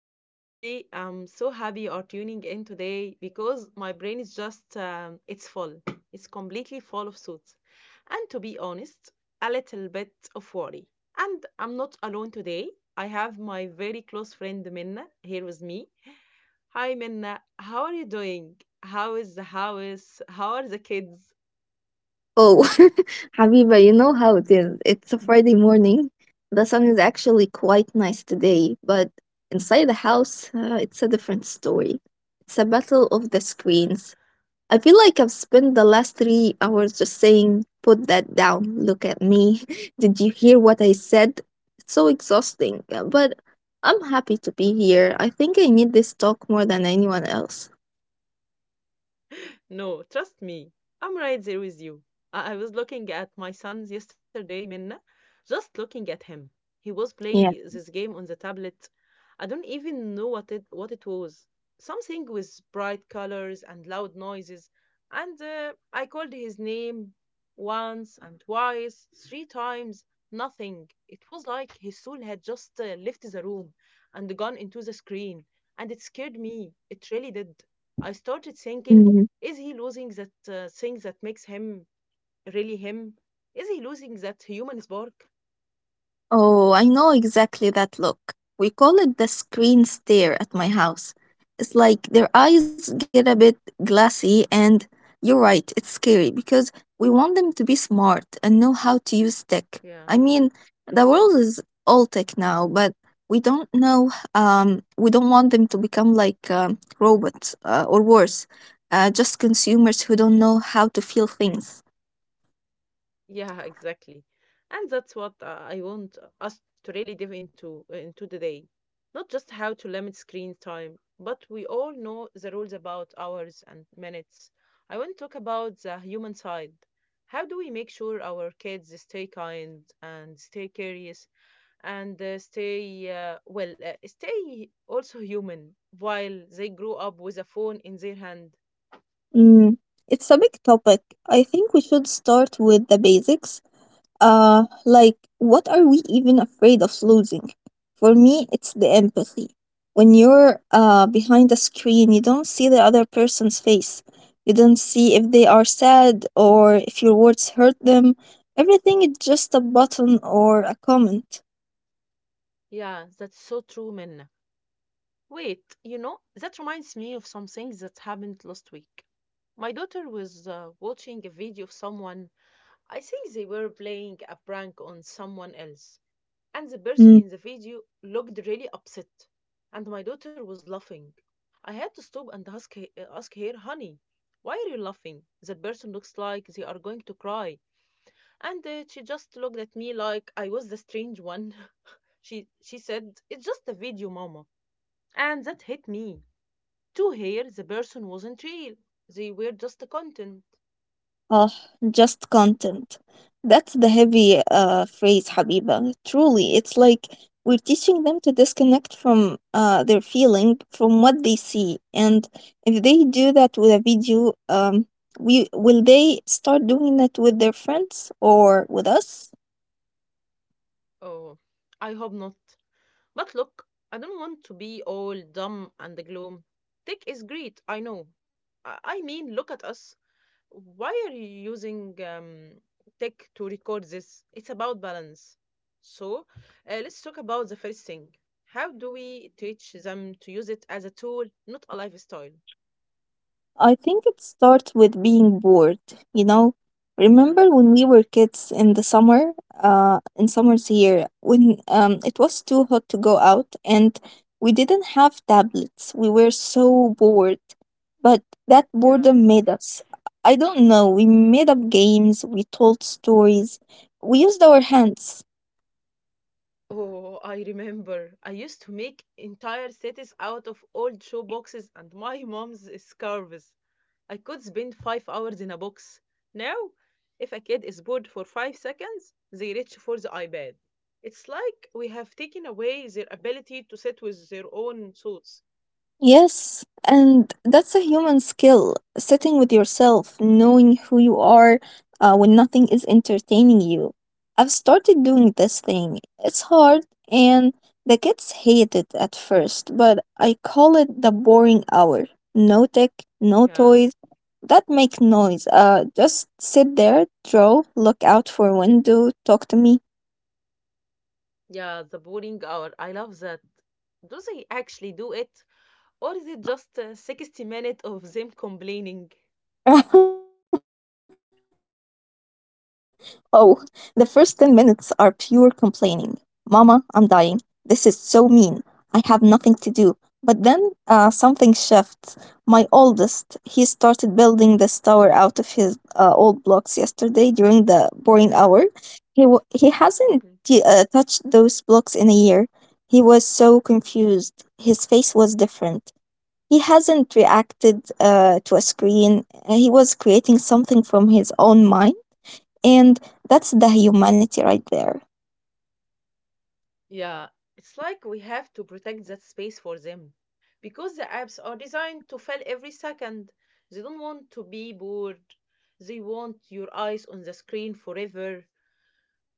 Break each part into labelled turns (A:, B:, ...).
A: and honestly, I'm so happy you are tuning in today because my brain is just, it's full. It's completely full of thoughts. And to be honest, a little bit of worry. And I'm not alone today. I have my very close friend Minna here with me. Hi, Minna. How are you doing? How is the house? How are the kids?
B: Oh, Habiba, you know how it is. It's a Friday morning. The sun is actually quite nice today, but inside the house, it's a different story. It's a battle of the
A: Yeah.
B: screens. I feel like I've spent the last 3 hours just saying, put that down, look at me. Did you hear what I said? It's so exhausting, but I'm happy to be here. I think I need this talk more than anyone else.
A: No, trust me, I'm right there with you. I was looking at my son yesterday, Minna, just looking at him. He was playing
B: Yeah.
A: this game on the tablet. I don't even know what it was. Something with bright colors and loud noises. And I called his name once and twice, three times. Nothing. It was like his soul had just left the room and gone into the screen. And it scared me. It really did. I started thinking, is he losing that thing that makes him really him? Is he losing that human spark?
B: Oh, I know exactly that look. We call it the screen stare at my house. It's like their eyes get a bit glassy, and you're right, it's scary because we want them to be smart and know how to use tech.
A: Yeah,
B: I mean, the world is all tech now, but we don't know, we don't want them to become like robots or worse, just consumers who don't know how to feel things.
A: yeah, exactly. And that's what I want us to really dive into today. Not just how to limit screen time, but we all know the rules about hours and minutes. I want to talk about the human side. How do we make sure our kids stay kind and stay curious and stay stay also human while they grow up with a phone in their hand?
B: Mm, it's a big topic. I think we should start with the basics. Like, what are we even afraid of losing? For me, it's the empathy. When you're behind a screen, you don't see the other person's face. You don't see if they are sad or if your words hurt them. Everything is just a button or a comment.
A: Yeah, that's so true, Minna. Wait, you know, that reminds me of something that happened last week. My daughter was watching a video of someone. I think they were playing a prank on someone else. And the person
B: Mm.
A: in the video looked really upset, and my daughter was laughing. I had to stop and ask, ask her, honey, why are you laughing? That person looks like they are going to cry. And she just looked at me like I was the strange one. She said, it's just a video, mama. And that hit me. To her, the person wasn't real. They were just the content.
B: Ah, just content. That's the heavy phrase, Habiba. Truly, it's like we're teaching them to disconnect from their feeling, from what they see. And if they do that with a video, we will they start doing that with their friends or with us?
A: Oh, I hope not. But look, I don't want to be all dumb and gloom. Tech is great, I know. I mean, look at us. Why are you using tech to record this? It's about balance. So, let's talk about the first thing. How do we teach them to use it as a tool, not a lifestyle?
B: I think it starts with being bored, you know.
A: Yeah,
B: Remember when we were kids in the summer, in summers here, when it was too hot to go out and we didn't have tablets. We were so bored, but that
A: yeah.
B: boredom made us. I don't know, we made up games, we told stories, we used our hands.
A: Oh, I remember. I used to make entire cities out of old shoe boxes and my mom's scarves. I could spend 5 hours in a box. Now, if a kid is bored for 5 seconds, they reach for the iPad. It's like we have taken away their ability to sit with their own thoughts.
B: Yes, and that's a human skill sitting with yourself, knowing who you are when nothing is entertaining you. I've started doing this thing. It's hard, and the kids hate it at first, but I call it the boring hour. No tech, no
A: Yeah,
B: toys that make noise. Just sit there, draw, look out for a window, talk to me.
A: yeah, the boring hour. I love that. Do they actually do it? Or is it just a 60 minutes of them complaining?
B: Oh, the first 10 minutes are pure complaining. Mama, I'm dying. This is so mean. I have nothing to do. But then something shifts. My oldest, he started building this tower out of his old blocks yesterday during the boring hour.
A: Yeah.
B: He hasn't touched those blocks in a year. He was so confused. His face was different. He hasn't reacted to a screen. He was creating something from his own mind, and that's the humanity right there.
A: Yeah, it's like we have to protect that space for them because the apps are designed to fail every second. They don't want to be bored. They want your eyes on the screen forever.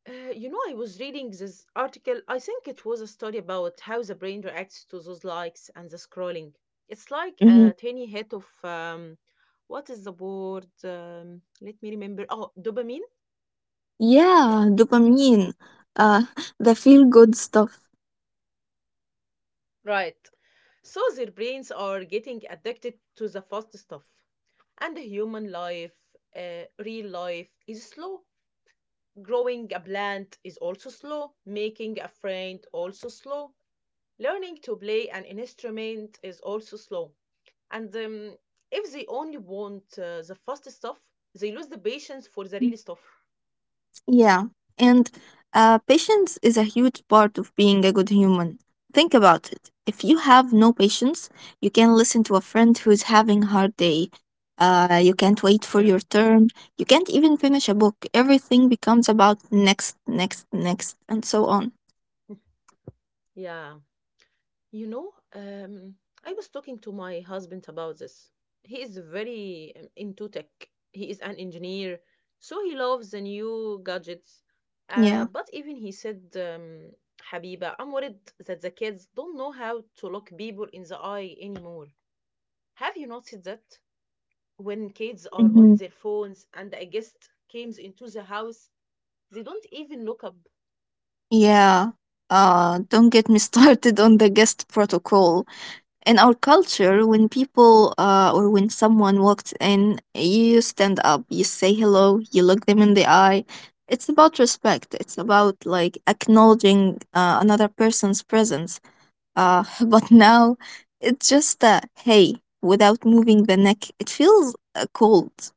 A: You know, I was reading this article. I think it was a study about how the brain reacts to those likes and the scrolling. It's like a
B: Mhm.
A: tiny hit of what is the word? Let me remember. Oh, dopamine. Yeah.
B: Yeah, dopamine, uh, the feel good stuff.
A: Right. So their brains are getting addicted to the fast stuff. And human life, real life, is slow. Growing a plant is also slow. Making a friend also slow. Learning to play an instrument is also slow. And if they only want the fast stuff, they lose the patience for the
B: Mm.
A: real stuff.
B: Yeah, and patience is a huge part of being a good human. Think about it. If you have no patience, you can listen to a friend who's having a hard day. You can't wait for
A: Yeah,
B: your turn. You can't even finish a book. Everything becomes about next, next, next, and so on.
A: yeah. You know, I was talking to my husband about this. He is very into tech. He is an engineer, so he loves the new gadgets.
B: Yeah.
A: But even he said, Habiba, I'm worried that the kids don't know how to look people in the eye anymore. Have you noticed that when kids are on
B: Mhm.
A: their phones and a guest comes into the house, they don't even look up?
B: Yeah. Don't get me started on the guest protocol. In our culture, when people or when someone walks in, you stand up, you say hello, you look them in the eye. It's about respect. It's about like acknowledging another person's presence. But now it's just a hey without moving the neck. It feels cold.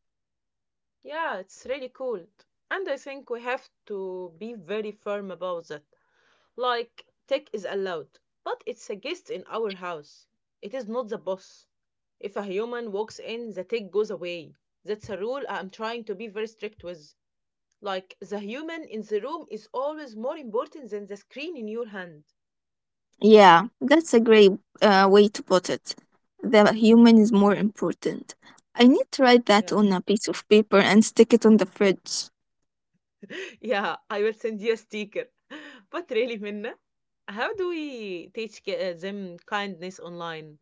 A: Yeah, it's really cold. And I think we have to be very firm about that. Like, tech is allowed, but it's a guest in our house. It is not the boss. If a human walks in, the tech goes away. That's a rule I'm trying to be very strict with. Like, the human in the room is always more important than the screen in your hand.
B: Yeah, that's a great way to put it. The human is more important. I need to write that
A: Yeah.
B: on a piece of paper and stick it on the fridge.
A: Yeah, I will send you a sticker. But really, Minna, how do we teach them kindness online?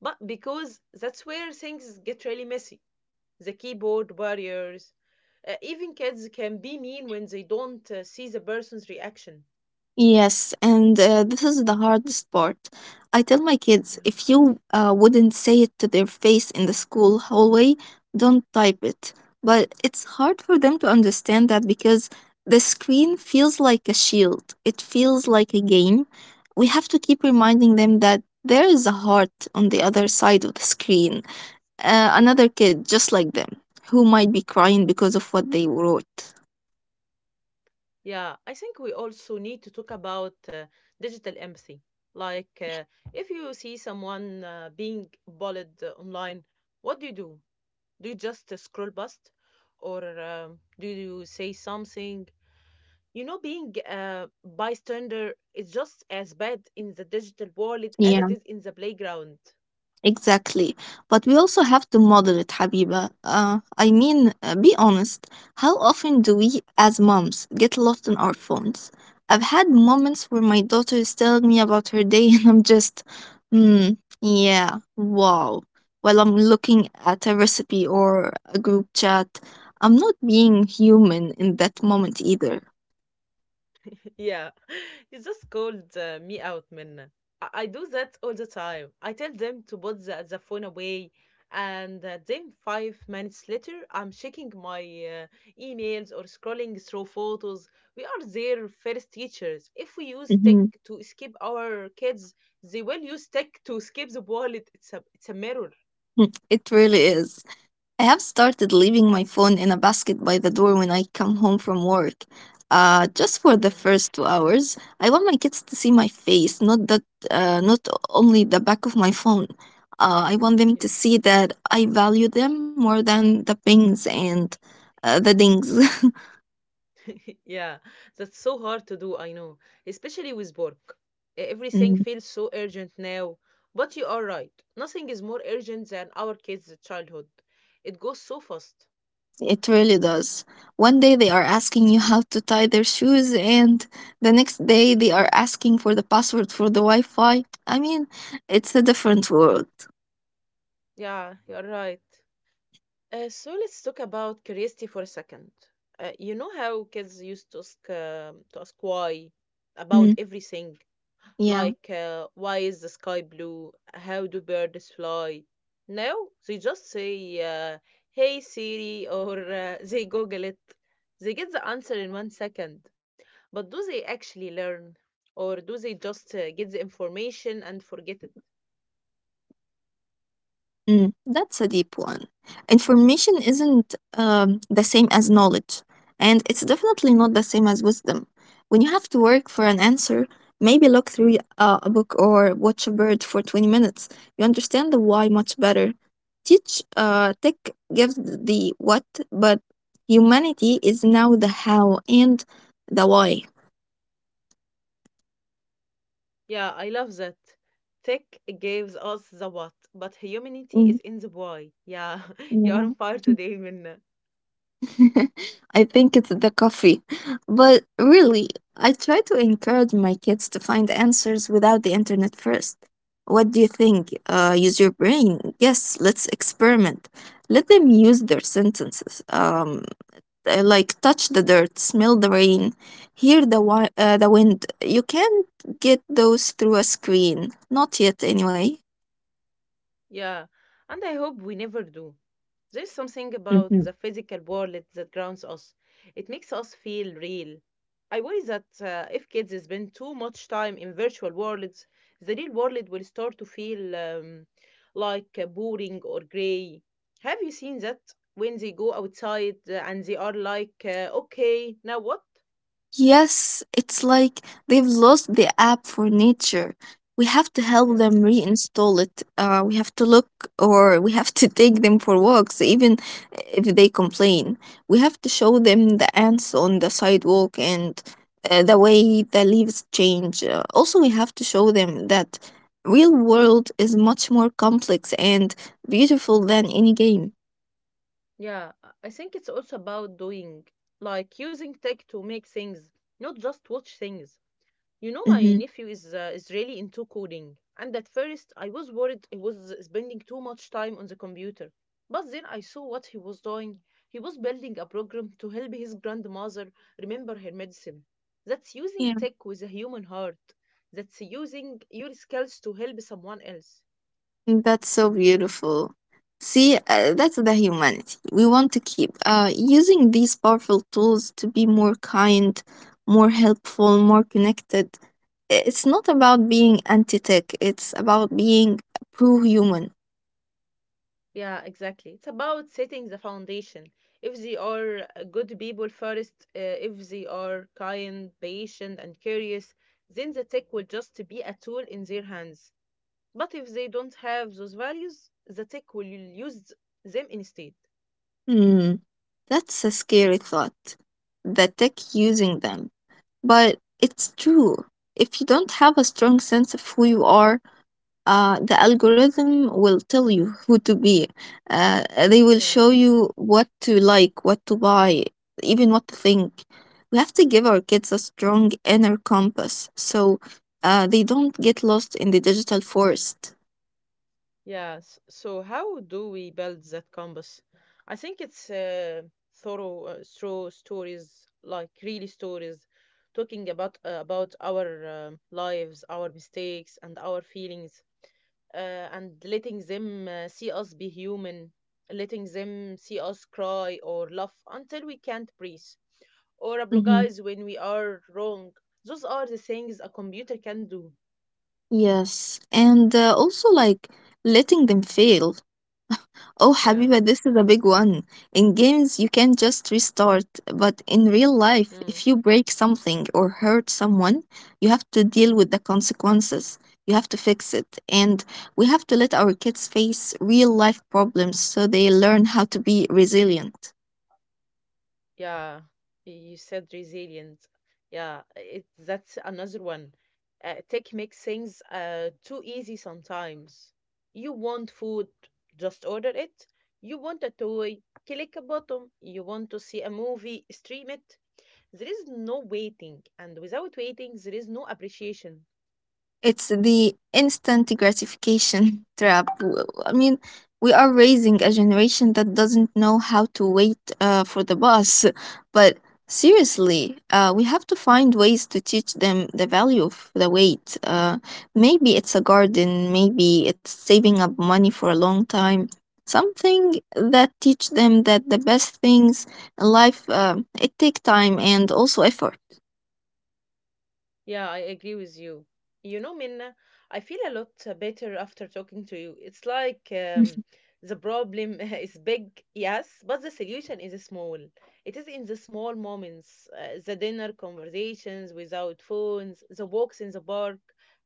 A: But because that's where things get really messy. The keyboard warriors. Even kids can be mean when they don't see the person's reaction.
B: Yes, and this is the hardest part. I tell my kids,
A: Yeah.
B: if you wouldn't say it to their face in the school hallway, don't type it. But it's hard for them to understand that because the screen feels like a shield, it feels like a game. We have to keep reminding them that there is a heart on the other side of the screen, another kid just like them, who might be crying because of what they wrote.
A: Yeah, I think we also need to talk about digital empathy. Like, if you see someone being bullied online, what do you do? Do you just scroll past? Or do you say something? You know, being a bystander is just as bad in the digital world as
B: Yeah.
A: it is in the playground.
B: Exactly. But we also have to model it, Habiba. I mean, be honest. How often do we, as moms, get lost in our phones? I've had moments where my daughter is telling me about her day, and I'm just, hmm, yeah, wow. While I'm looking at a recipe or a group chat, I'm not being human in that moment either.
A: Yeah, you just called me out, Minna. I do that all the time. I tell them to put the phone away, and then 5 minutes later, I'm checking my emails or scrolling through photos. We are their first teachers. If we use tech
B: Mhm.
A: to escape our kids, they will use tech to escape the wallet. It's a mirror.
B: Mm, it really is. I have started leaving my phone in a basket by the door when I come home from work. Just for the
A: Yeah,
B: first 2 hours, I want my kids to see my face, not that, not only the back of my phone. I want them
A: yeah.
B: to see that I value them more than the pings and the dings.
A: Yeah, that's so hard to do, I know, especially with work. Everything feels so urgent now. But you are right, nothing is more urgent than our kids' childhood. It goes so fast.
B: It really does. One day they are asking you how to tie their shoes, and the next day they are asking for the password for the Wi Fi. I mean, it's a different world.
A: Yeah, you're right. So let's talk about curiosity for a second. You know how kids used to ask, why
B: Mm,
A: about everything?
B: yeah.
A: Like, why is the sky blue? How do birds fly? No, they just say, uh, hey Siri, or they Google it. They get the answer in 1 second. But do they actually learn, or do they just get the information and forget it?
B: Mm, that's a deep one. Information isn't the same as knowledge, and it's definitely not the same as wisdom. When you have to work for an answer, maybe look through a book or watch a bird for 20 minutes. You understand the why much better. Teach Tech gives the what, but humanity is now the how and the why.
A: Yeah, I love that. Tech gives us the what, but humanity
B: Mm,
A: is in the why. Yeah, you are
B: yeah.
A: on fire today, Minna.
B: I think it's the coffee. But really, I try to encourage my kids to find answers without the internet first. What do you think? Use your brain. Yes, let's experiment. Let them use their sentences. Like touch the dirt, smell the rain, hear the wind. You can't get those through a screen, not yet anyway.
A: Yeah, and I hope we never do. There's something about the physical world that grounds us. It makes us feel real. I worry that if kids spend too much time in virtual worlds, the real world will start to feel like boring or grey. Have you seen that when they go outside and they are like, okay, now what?
B: Yes, it's like they've lost the app for nature. We have to help
A: Yeah.
B: them reinstall it. We have to take them for walks, even if they complain. We have to show them the ants on the sidewalk and the way the leaves change. Also, we have to show them that real world is much more complex and beautiful than any game.
A: Yeah. I think it's also about doing, like using tech to make things, not just watch things. You know, my
B: Hmm.
A: nephew is really into coding, and at first I was worried he was spending too much time on the computer. But then I saw what he was doing. He was building a program to help his grandmother remember her medicine. That's using tech with a human heart. That's using your skills to help someone else.
B: That's so beautiful. See, that's the humanity. We want to keep using these powerful tools to be more kind, more helpful, more connected. It's not about being anti tech, it's about being pro human.
A: Yeah, exactly. It's about setting the foundation. If they are good people first, if they are kind, patient, and curious, then the tech will just be a tool in their hands. But if they don't have those values, the tech will use them instead.
B: Hmm, that's a scary thought. The tech using them. But it's true. If you don't have a strong sense of who you are, the algorithm will tell you who to be. They will
A: Yeah.
B: show you what to like, what to buy, even what to think. We have to give our kids a strong inner compass so they don't get lost in the digital forest.
A: Yes. So how do we build that compass? I think it's thorough through stories, like really stories, talking about our lives, our mistakes, and our feelings, uh, and letting them see us be human, letting them see us cry or laugh until we can't breathe, or
B: Hmm.
A: apologize when we are wrong. Those are the things a computer can do.
B: Yes. And also, like, letting them fail. Oh,
A: Yeah.
B: Habiba, this is a big one. In games, you can just restart, but in real life,
A: Hmm.
B: if you break something or hurt someone, you have to deal with the consequences. You have to fix it. And we have to let our kids face real life problems so they learn how to be resilient.
A: Yeah, you said resilient. Yeah, it, that's another one. Tech makes things too easy sometimes. You want food, just order it. You want a toy, click a button. You want to see a movie, stream it. There is no waiting, and without waiting, there is no appreciation.
B: It's the instant gratification trap. I mean, we are raising a generation that doesn't know how to wait for the bus. But seriously, we have to find ways to teach them the value of the wait. Maybe it's a garden, maybe it's saving up money for a long time. Something that teach them that the best things in life it take time and also effort.
A: Yeah, I agree with you. You know, Minna, I feel a lot better after talking to you. It's like the problem is big, yes, but the solution is small. It is in the small moments, the dinner conversations without phones, the walks in the park,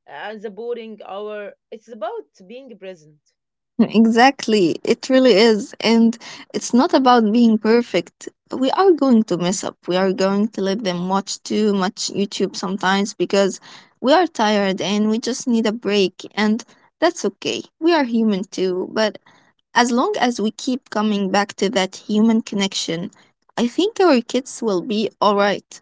A: and the boring hour. It's about being present.
B: Exactly. It really is. And it's not about being perfect. We are going to mess up. We are going to let them watch too much YouTube sometimes because we are tired and we just need a break. And that's okay. We are human too. But as long as we keep coming back to that human connection, I think our kids will be all right.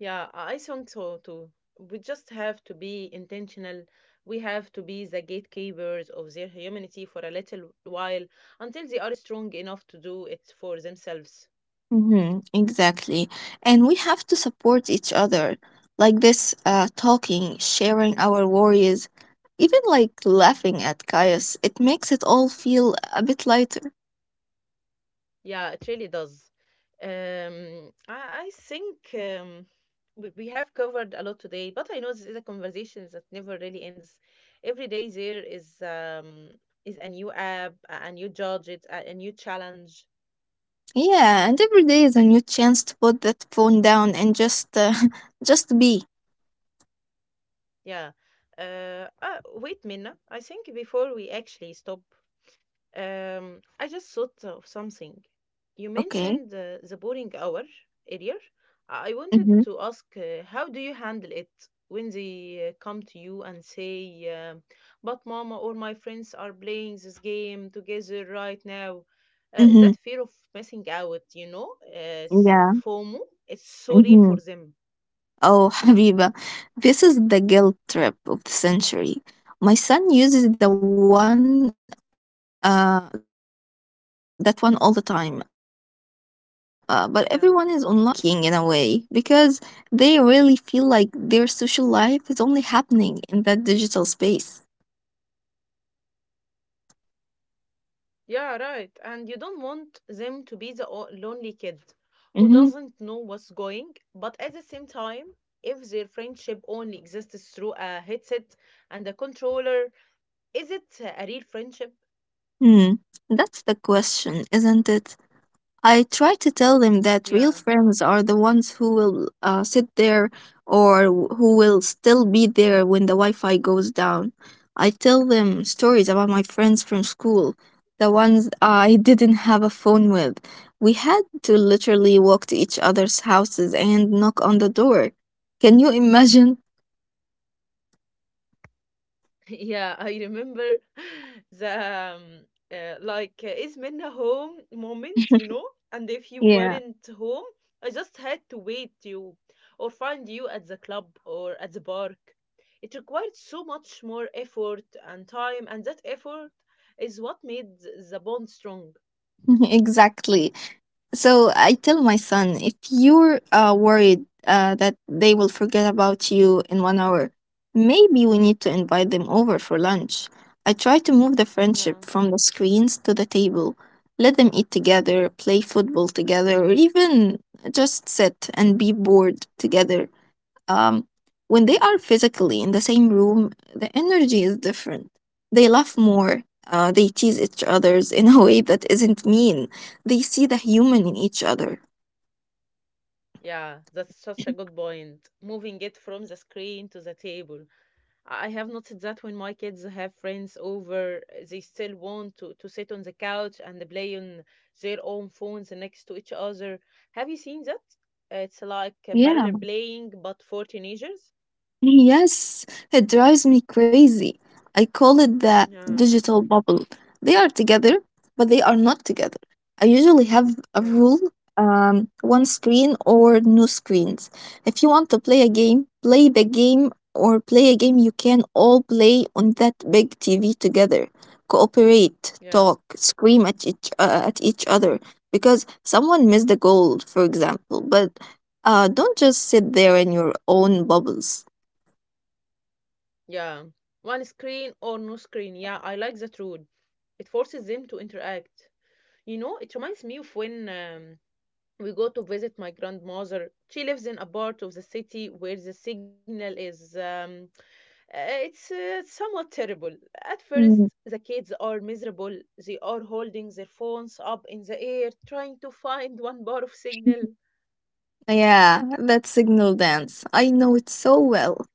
A: Yeah, I think so too. We just have to be intentional. We have to be the gatekeepers of their humanity for a little while until they are strong enough to do it for themselves.
B: Mm-hmm, exactly. And we have to support each other, like this talking, sharing our worries, even like laughing at chaos. It makes it all feel a bit lighter.
A: Yeah, it really does. I think we have covered a lot today, but I know this is a conversation that never really ends. Every day there is a new app, a new gadget, a new challenge.
B: Yeah, and every day is a new chance to put that phone down and just just be.
A: Yeah. Wait, Minna. I think before we actually stop, I just thought of something. You
B: Okay.
A: mentioned the boring hour earlier. I wanted
B: Mm-hmm.
A: to ask, how do you handle it when they come to you and say, "But Mama or my friends are playing this game together right now."
B: Mm-hmm.
A: That fear of missing out, you know, it's
B: Yeah.
A: FOMO. It's so real
B: Mm-hmm.
A: for them.
B: Oh, Habiba, this is the guilt trip of the century. My son uses the one, that one all the time. But everyone is online. If I'm not there, they'll forget me.
A: Yeah.
B: It's heartbreaking in a way because they really feel like their social life is only happening in that digital space.
A: Yeah, right. And you don't want them to be the lonely kid who
B: Mm-hmm.
A: doesn't know what's going, but at the same time, if their friendship only exists through a headset and a controller, is it a real friendship?
B: Hmm. That's the question, isn't it? I try to tell them that real
A: Yeah.
B: friends are the ones who will sit there or who will still be there when the Wi Fi goes down. I tell them stories about my friends from school, the ones I didn't have a phone with. We had to literally walk to each other's houses and knock on the door. Can you imagine?
A: Yeah, I remember the um, like is Minna home moment, you know? And if you
B: Yeah,
A: weren't home, I just had to wait you or find you at the club or at the park. It required so much more effort and time, and that effort is what made the bond strong.
B: exactly. So I tell my son, if you're worried that they will forget about you in 1 hour, maybe we need to invite them over for lunch. I try to move the
A: Yeah.
B: friendship from the screens to the table. Let them eat together, play football together, or even just sit and be bored together. Um, when they are physically in the same room, the energy is different. They laugh more. They tease each others in a way that isn't mean. They see the human in each other.
A: Yeah, that's such a good point. Moving it from the screen to the table. I have noticed that when my kids have friends over, they still want to sit on the couch and play on their own phones next to each other. Have you seen that? It's like a parallel
B: Yeah.
A: playing, but for teenagers.
B: Yes, it drives me crazy. I call it the
A: Yeah,
B: digital bubble. They are together, but they are not together. I usually have a
A: yeah,
B: rule, one screen or no screens. If you want to play a game, play the game or play a game you can all play on that big TV together. Cooperate,
A: yeah,
B: talk, scream at at each other because someone missed the goal, for example, but don't just sit there in your own bubbles.
A: yeah. One screen or no screen. Yeah, I like that rule. It forces them to interact. You know, it reminds me of when we go to visit my grandmother. She lives in a part of the city where the signal is. Uh, it's somewhat terrible. At first,
B: Mm,
A: the kids are miserable. They are holding their phones up in the air, trying to find one bar of signal.
B: yeah, that signal dance. I know it so well.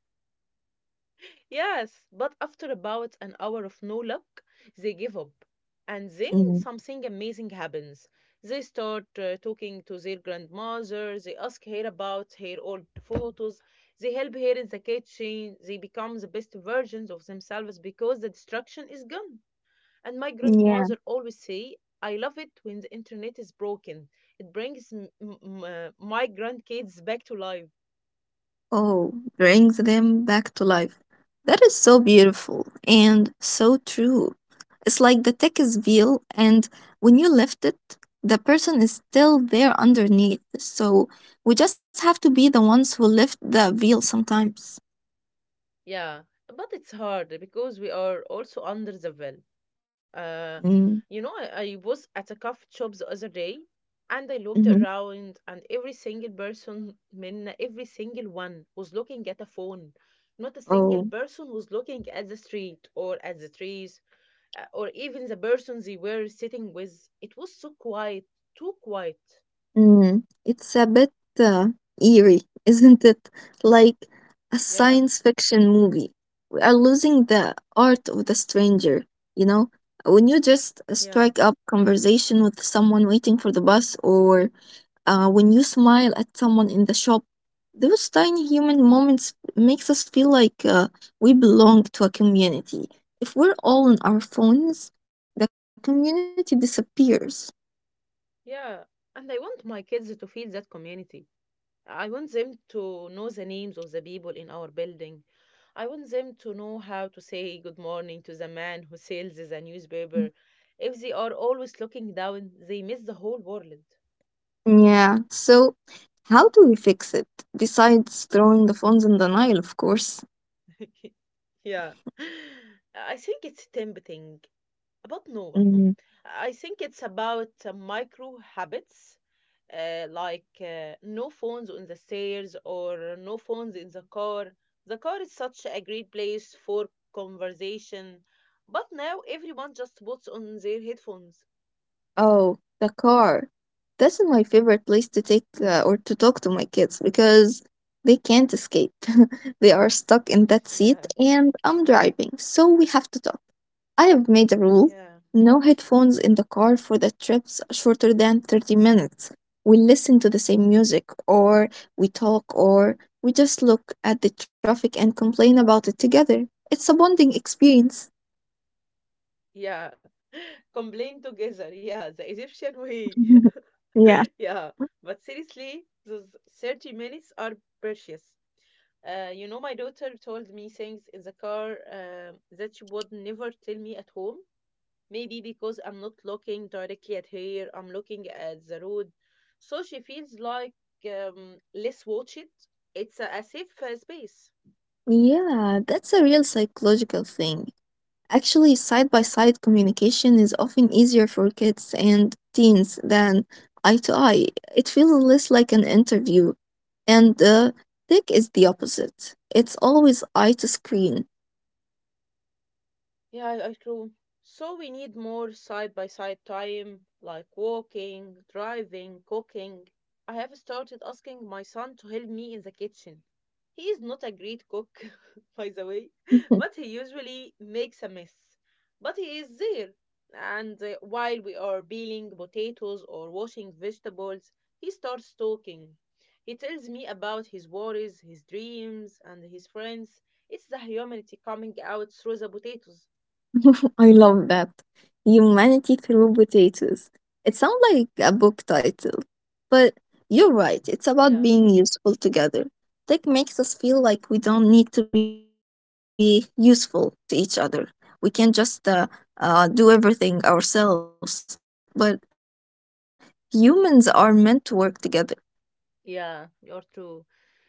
A: Yes, but after about an hour of no luck, they give up. And then
B: Mm,
A: something amazing happens. They start talking to their grandmother, they ask her about her old photos, they help her in the kitchen, they become the best versions of themselves because the distraction is gone. And my
B: yeah.
A: grandmother always say, I love it when the internet is broken. It brings my grandkids back to life.
B: Oh, brings them back to life. That is so beautiful and so true. It's like the tech is veil, and when you lift it, the person is still there underneath. So we just have to be the ones who lift the veil sometimes.
A: Yeah, but it's hard because we are also under the veil. Uh,
B: Mm.
A: you know, I was at a coffee shop the other day and I looked
B: Hmm.
A: around and every single person, من every single one was looking at a phone. Not a single
B: Oh.
A: person was looking at the street or at the trees or even the person they were sitting with. It was so quiet, too quiet.
B: Mm, it's a bit uh, eerie, isn't it? Like a
A: Yeah,
B: science fiction movie. We are losing the art of the stranger, you know? When you just
A: yeah,
B: strike up conversation with someone waiting for the bus or when you smile at someone in the shop, those tiny human moments makes us feel like we belong to a community. If we're all on our phones, the community disappears.
A: yeah. And I want my kids to feel that community. I want them to know the names of the people in our building. I want them to know how to say good morning to the man who sells the newspaper. If they are always looking down, they miss the whole world.
B: Yeah. So, how do we fix it? Besides throwing the phones in the Nile, of course.
A: Yeah. I think it's tempting, but no, but no.
B: Mm.
A: I think it's about micro habits, like no phones on the stairs or no phones in the car. The car is such a great place for conversation, but now everyone just puts on their headphones.
B: Oh, the car. That's my favorite place to take or to talk to my kids because they can't escape. They are stuck in that seat
A: Yeah,
B: and I'm driving, so we have to talk. I have made a rule,
A: yeah,
B: no headphones in the car for the trips shorter than 30 minutes. We listen to the same music, or we talk, or we just look at the traffic and complain about it together. It's a bonding experience.
A: yeah. Complain together. Yeah, the Egyptian way.
B: Yeah.
A: Yeah, but seriously, those 30 minutes are precious. You know, my daughter told me things in the car that she would never tell me at home. Maybe because I'm not looking directly at her, I'm looking at the road. So she feels like less watched. It's a safe space.
B: Yeah, that's a real psychological thing. Actually, side by side communication is often easier for kids and teens than eye to eye. It feels less like an interview. And tech is the opposite, it's always eye to screen.
A: Yeah, I true. So we need more side by side time, like walking, driving, cooking. I have started asking my son to help me in the kitchen. He is not a great cook, by the way, but he usually makes a mess. But he is there. And while we are peeling potatoes or washing vegetables, he starts talking. He tells me about his worries, his dreams, and his friends. It's the humanity coming out through the potatoes.
B: I love that. Humanity through potatoes. It sounds like a book title, but you're right. It's about
A: Yeah,
B: being useful together. Tech makes us feel like we don't need to be useful to each other. We can just do everything ourselves, but humans are meant to work together.
A: yeah, you're true.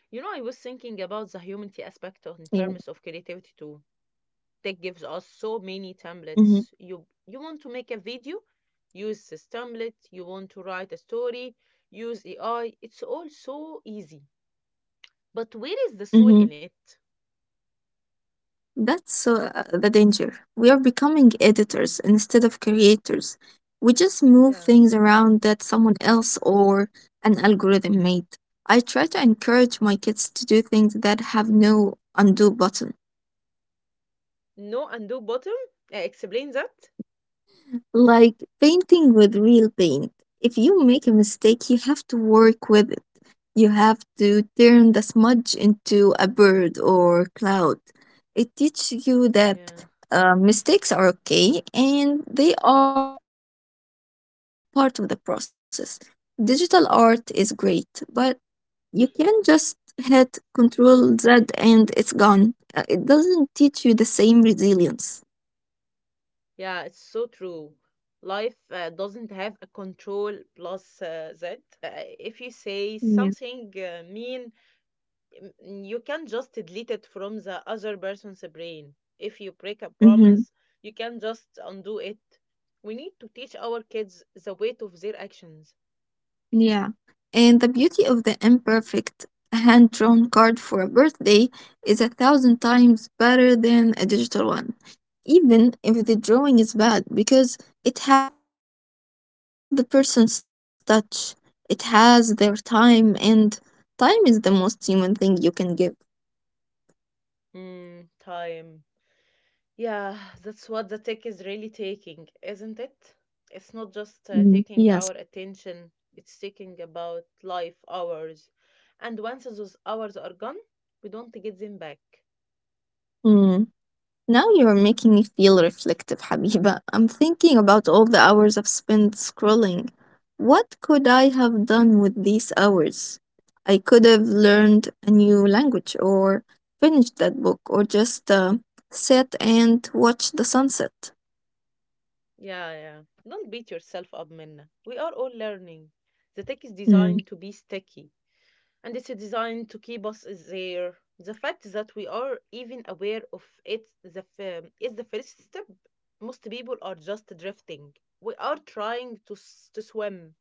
A: You know, I was thinking about the humanity aspect on in
B: Yeah.
A: terms of creativity too. Tech gives us so many templates.
B: Mm-hmm.
A: You want to make a video, use this template. You want to write a story, use AI. It's all so easy. But where is the soul in it?
B: That's the danger. We are becoming editors instead of creators. We just
A: Yeah.
B: move things around that someone else or an algorithm made. I try to encourage my kids to do things that have no undo button.
A: No undo button? Explain that?
B: Like painting with real paint. If you make a mistake, you have to work with it. You have to turn the smudge into a bird or cloud. It teaches you that
A: Yeah.
B: mistakes are okay and they are part of the process. Digital art is great, but you can just hit Control Z and it's gone. It doesn't teach you the same resilience.
A: Yeah, it's so true. Life doesn't have a control plus Z. Uh, if you say
B: Yeah.
A: something mean you can just delete it from the other person's brain. If you break a
B: Mhm.
A: promise, you can just undo it. We need to teach our kids the weight of their actions.
B: Yeah. And the beauty of the imperfect hand drawn card for a birthday is a thousand times better than a digital one, even if the drawing is bad, because it has the person's touch, it has their time, and time is the most human thing you can give.
A: Mm, time. Yeah, that's what the tech is really taking, isn't it? It's not
B: Mhm.
A: just
B: Yes.
A: taking our attention, it's taking about life hours. And once those hours are gone, we don't get them back.
B: Now you're making me feel reflective, Habiba. I'm thinking about all the hours I've spent scrolling. What could I have done with these hours? I could have learned a new language, or finished that book, or just sat and watched the sunset.
A: Yeah, yeah. Don't beat yourself up, Minna. We are all learning. The tech is designed to
B: Hmm.
A: be sticky, and it's designed to keep us there. The fact that we are even aware of it the is the first step. Most people are just drifting. We are trying to to swim.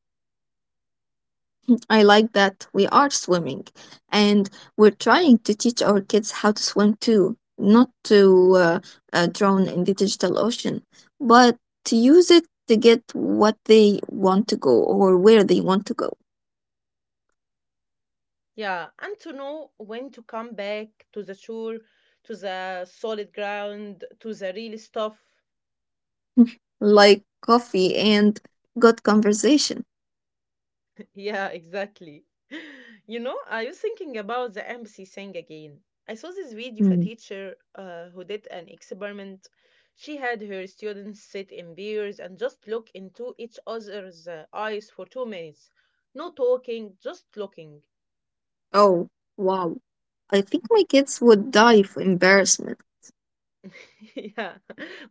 B: I like that we are swimming and we're trying to teach our kids how to swim too, not to drown in the digital ocean, but to use it to get what they want to go or where they want to go,
A: Yeah, and to know when to come back to the shore, to the solid ground, to the real stuff.
B: like coffee and good conversation.
A: Yeah, exactly. You know, I was thinking about the empathy thing again. I saw this video of a
B: Mm.
A: teacher who did an experiment. She had her students sit in pairs and just look into each other's eyes for 2 minutes. No talking, just looking.
B: Oh, wow. I think my kids would die for embarrassment.
A: Yeah,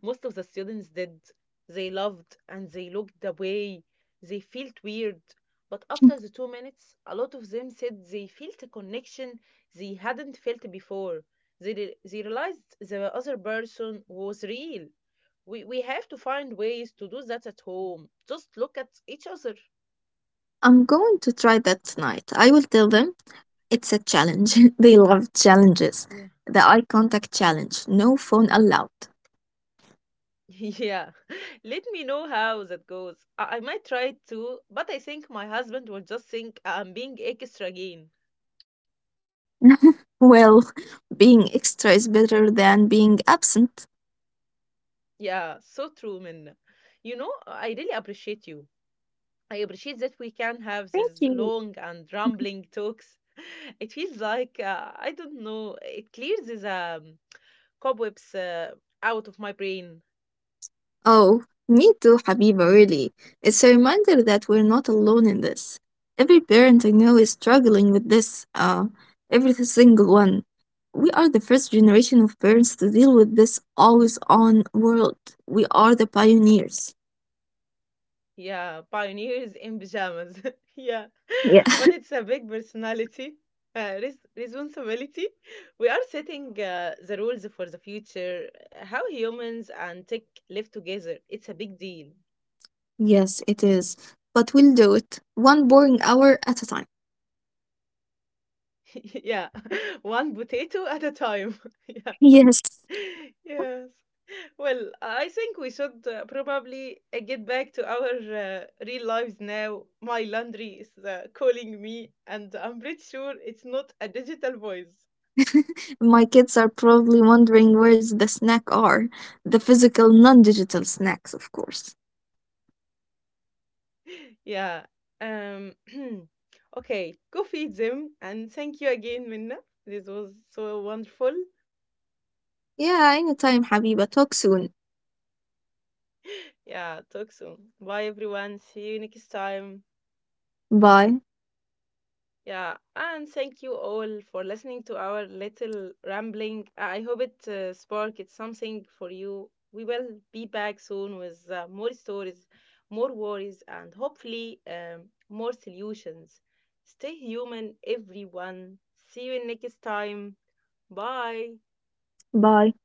A: most of the students did. They loved and they looked away. They felt weird. But after the 2 minutes, a lot of them said they felt a connection they hadn't felt before. They realized the other person was real. We have to find ways to do that at home. Just look at each other.
B: I'm going to try that tonight. I will tell them it's a challenge. They love challenges.
A: Yeah.
B: The eye contact challenge. No phone allowed.
A: Yeah. Let me know how that goes. I might try it too, but I think my husband will just think I'm being extra again.
B: Well, being extra is better than being absent.
A: Yeah, so true, Minna. You know, I really appreciate you. I appreciate that we can
B: Thank
A: have these
B: you.
A: long and rambling talks. It feels like, I don't know, it clears these cobwebs out of my brain.
B: Oh, me too, Habiba, really. It's a reminder that we're not alone in this. Every parent I know is struggling with this, every single one. We are the first generation of parents to deal with this always on world. We are the pioneers.
A: Yeah, pioneers in pajamas. Yeah,
B: Yeah.
A: but it's a big personality. Responsibility. We are setting the rules for the future, how humans and tech live together. It's a big deal.
B: Yes, it is. But we'll do it one boring hour at a time.
A: Yeah, one potato at a time. Yeah,
B: Yes.
A: yes. Well, I think we should probably get back to our real lives now. My laundry is calling me, and I'm pretty sure it's not a digital voice.
B: My kids are probably wondering where's the snack are. The physical, non digital snacks, of course.
A: Yeah. Um. Okay, go feed them, and thank you again, Minna. This was so wonderful.
B: Yeah, anytime, Habiba. Talk soon.
A: Yeah, talk soon. Bye, everyone. See you next time.
B: Bye.
A: Yeah, and thank you all for listening to our little rambling. I hope it sparked something for you. We will be back soon with more stories, more worries, and hopefully more solutions. Stay human, everyone. See you next time. Bye.
B: Bye.